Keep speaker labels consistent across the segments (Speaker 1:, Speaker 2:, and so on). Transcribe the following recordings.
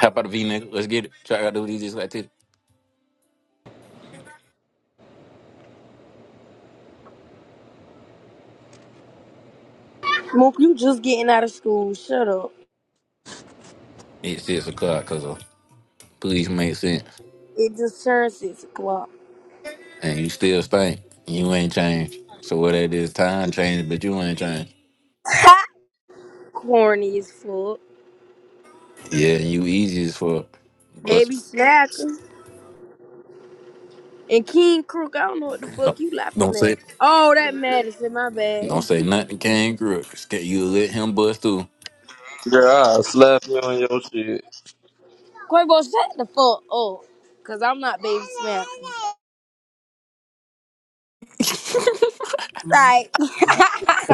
Speaker 1: Hop out of V, nigga. Let's get it. Try out do these just like this.
Speaker 2: Mook, you just getting out of school. Shut up.
Speaker 1: It's six o'clock because of police make sense.
Speaker 2: It just turned six o'clock.
Speaker 1: And you still stink. You ain't changed. So what that is, time changed, but you ain't changed.
Speaker 2: Corny as fuck.
Speaker 1: Yeah, and you easy as fuck.
Speaker 2: Baby
Speaker 1: Bust.
Speaker 2: Snacker. And King Crook, I don't know what the fuck you laughing
Speaker 1: Don't say
Speaker 2: at. Oh, that Madison, my bad.
Speaker 1: don't say nothing came through. You let him bust through.
Speaker 3: Yeah, I slap you on your shit.
Speaker 2: Quavo, shut the fuck up. Cause I'm not Baby Snacker. Like,
Speaker 4: I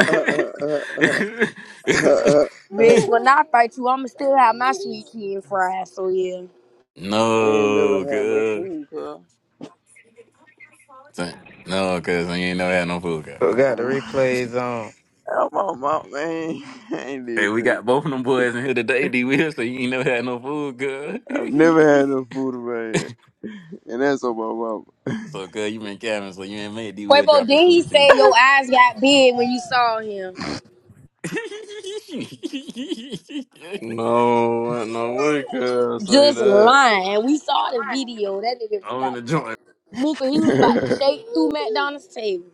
Speaker 2: bitch, when I fight you, I'ma still have my sweet kid fries, so yeah.
Speaker 4: never
Speaker 1: no,
Speaker 4: had no
Speaker 1: good.
Speaker 4: food, girl.
Speaker 1: No, cause you ain't never had no food, girl.
Speaker 5: We got the
Speaker 4: Um,
Speaker 5: replays on.
Speaker 4: I'm on my man. I ain't
Speaker 1: Hey, we
Speaker 4: even.
Speaker 1: got both of them boys in here today, D. Will, so you ain't never had no food,
Speaker 4: I've
Speaker 1: girl.
Speaker 4: never had no food in my head, and that's on my
Speaker 1: So good, you been capping, so you ain't made D Will
Speaker 2: Quavo,
Speaker 1: drop his
Speaker 2: then he
Speaker 1: sweet tea.
Speaker 2: said your eyes got big when you saw him.
Speaker 3: No, ain't no way could I say
Speaker 2: Just
Speaker 3: that.
Speaker 2: lying. We saw the video. That nigga was
Speaker 1: I'm
Speaker 2: about
Speaker 1: in the joint.
Speaker 2: Mooka, he was about
Speaker 4: mama.
Speaker 2: to shake through McDonald's table.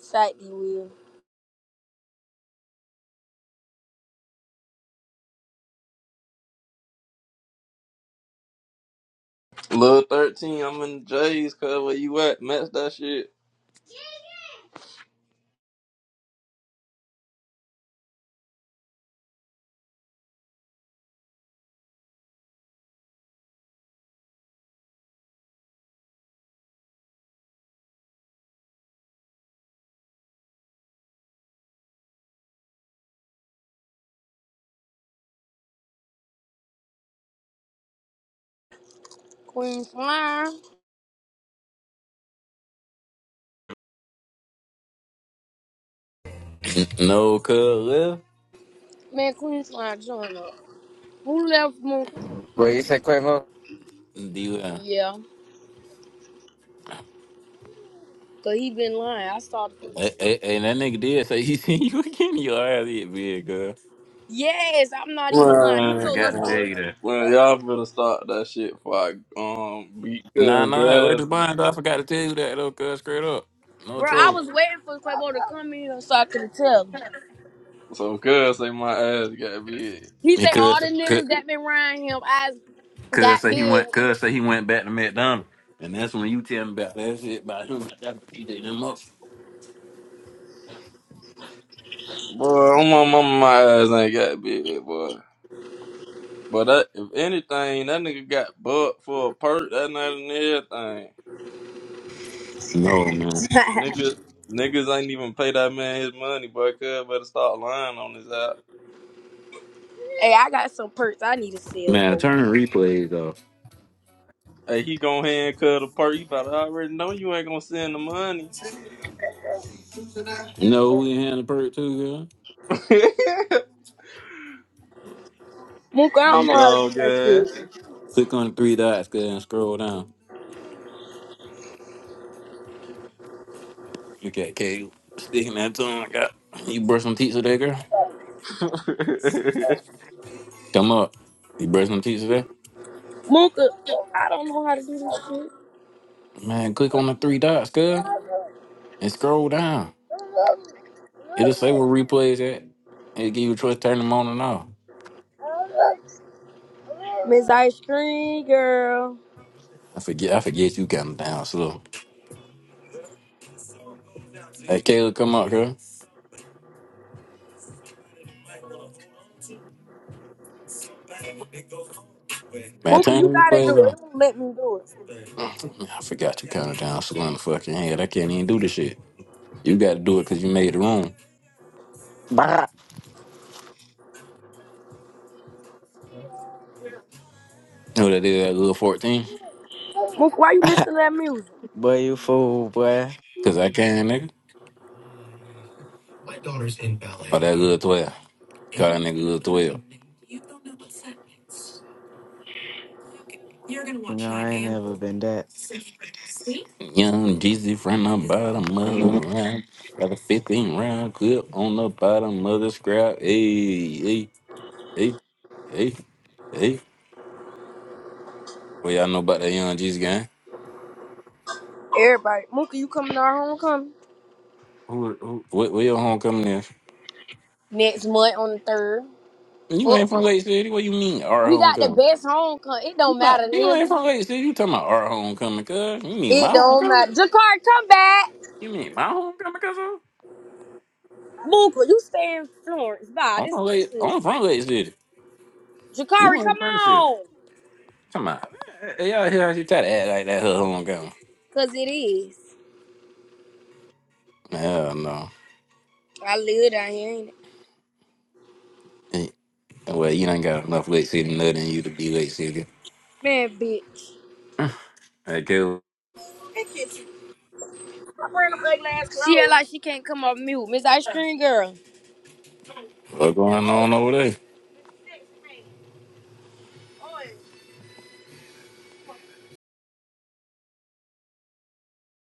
Speaker 2: Sight he will.
Speaker 3: Little 13, I'm in J's, cuz where you at? Match that shit.
Speaker 2: Queen Slime.
Speaker 1: No cuz left.
Speaker 2: Man, Queen Slime join up. Who left Mooka?
Speaker 5: Boy, you said Quavo?
Speaker 1: D Will.
Speaker 2: Yeah. Cause he been lying. I saw the
Speaker 1: Hey, hey, hey, that nigga did say he seen you again. Your ass hit big, girl.
Speaker 2: Yes, I'm not even lying. He
Speaker 1: I
Speaker 2: told
Speaker 1: forgot
Speaker 2: us
Speaker 1: to
Speaker 3: Man,
Speaker 1: tell
Speaker 2: so.
Speaker 1: you that.
Speaker 3: well, y'all better stop that shit before I um, beat
Speaker 1: Nah,
Speaker 3: cuz
Speaker 1: nah, where
Speaker 3: ass
Speaker 1: the blind? though? I
Speaker 3: again.
Speaker 1: forgot to tell you that though, cuz straight up. No
Speaker 2: Bro, I
Speaker 1: troll.
Speaker 2: was waiting for Quavo to come in here so I could tell him.
Speaker 3: So cuz say my ass got big.
Speaker 2: He
Speaker 1: And
Speaker 2: say all
Speaker 1: cuz
Speaker 2: the
Speaker 1: cuz
Speaker 2: niggas that been riding him eyes
Speaker 1: cuz
Speaker 2: got
Speaker 1: say he
Speaker 2: big.
Speaker 1: went cuz say he went back to McDonald's. And that's when you tell me about that shit about him. about that PJ them up.
Speaker 3: Boy, I'm on my, my ass ain't got big, boy. But that, if anything, that nigga got bucked for a perk that night and everything.
Speaker 1: No man.
Speaker 2: hey,
Speaker 3: Niggas, niggas ain't even pay that man his money, boy. Cuz better start lying on his app.
Speaker 2: I got some perks I need to sell,
Speaker 1: Man,
Speaker 2: bro.
Speaker 1: turn the replays off.
Speaker 3: Hey, he gonna hand cut a perk. You better already know you ain't gonna send the money.
Speaker 1: You know who in hand the perk too, girl?
Speaker 2: Mooka, I don't
Speaker 3: D
Speaker 2: know how to do
Speaker 3: dog
Speaker 2: that shit.
Speaker 3: ass.
Speaker 1: Click on the three dots, girl, and scroll down. You got K sticking that tongue like that. You brush some teeth today, girl? Come up. You brush some teeth today?
Speaker 2: Mooka, I don't know how to do this shit.
Speaker 1: Man, click on the three dots, girl, and scroll down. It'll say where replays at. It'll give you a choice to turn them on and off.
Speaker 2: Miss Ice Cream Girl.
Speaker 1: I forget I forget you got them down slow. Hey, Caleb, come up, girl. Man,
Speaker 2: Mooka,
Speaker 1: turn
Speaker 2: you
Speaker 1: the
Speaker 2: gotta do
Speaker 1: replays
Speaker 2: it.
Speaker 1: on.
Speaker 2: It won't let me do it.
Speaker 1: Man, I forgot you counted down slow in the fucking head. I can't even do this shit. You got to do it because you made the room.
Speaker 5: Bah.
Speaker 1: You know what I did? that little 14?
Speaker 2: Mooka, why you listen to that music?
Speaker 5: Boy, you fool, boy.
Speaker 1: Cause I can, nigga. Oh, that good twelve. Got that nigga good twelve.
Speaker 5: You know, I ain't never been that.
Speaker 1: Young Jeezy from the bottom of the round. Got a fifteen round clip on the bottom of the scrap. Hey, hey, hey, hey, hey. What y'all know about that Young Jeezy gang?
Speaker 2: Everybody. Mooka, you coming to our homecoming?
Speaker 1: Who, who, where, where your homecoming is?
Speaker 2: Next month on the third.
Speaker 1: You
Speaker 2: Fuck.
Speaker 1: ain't from Lake City. What you mean our
Speaker 2: We got the
Speaker 1: homecoming?
Speaker 2: best homecoming. It
Speaker 1: You
Speaker 2: don't
Speaker 1: not,
Speaker 2: matter,
Speaker 1: you ain't
Speaker 2: nigga.
Speaker 1: from Lake City. You talking about our homecoming? Cause you mean my
Speaker 2: It don't
Speaker 1: homecoming?
Speaker 2: matter. Jakari, come back.
Speaker 1: You mean my homecoming? Cause I'm
Speaker 2: Mooka, you stay in Florence. Bye.
Speaker 1: I'm
Speaker 2: This
Speaker 1: from
Speaker 2: our
Speaker 1: Lake.
Speaker 2: shit.
Speaker 1: I'm from Lake City. You
Speaker 2: Jakari,
Speaker 1: ain't
Speaker 2: come
Speaker 1: from the city.
Speaker 2: on.
Speaker 1: Come on. Hey, y'all yeah, you try to act like that. Hold on, go.
Speaker 2: Cause it is.
Speaker 1: Hell no.
Speaker 2: I live down here, ain't it?
Speaker 1: Eh, Well, you done got enough late city nut in you to be late city.
Speaker 2: Man, bitch.
Speaker 1: Hey, Caleb,
Speaker 2: I bring them ugly ass clothes. She act like she can't come off mute. Miss Ice Cream Girl.
Speaker 1: what's going on over there?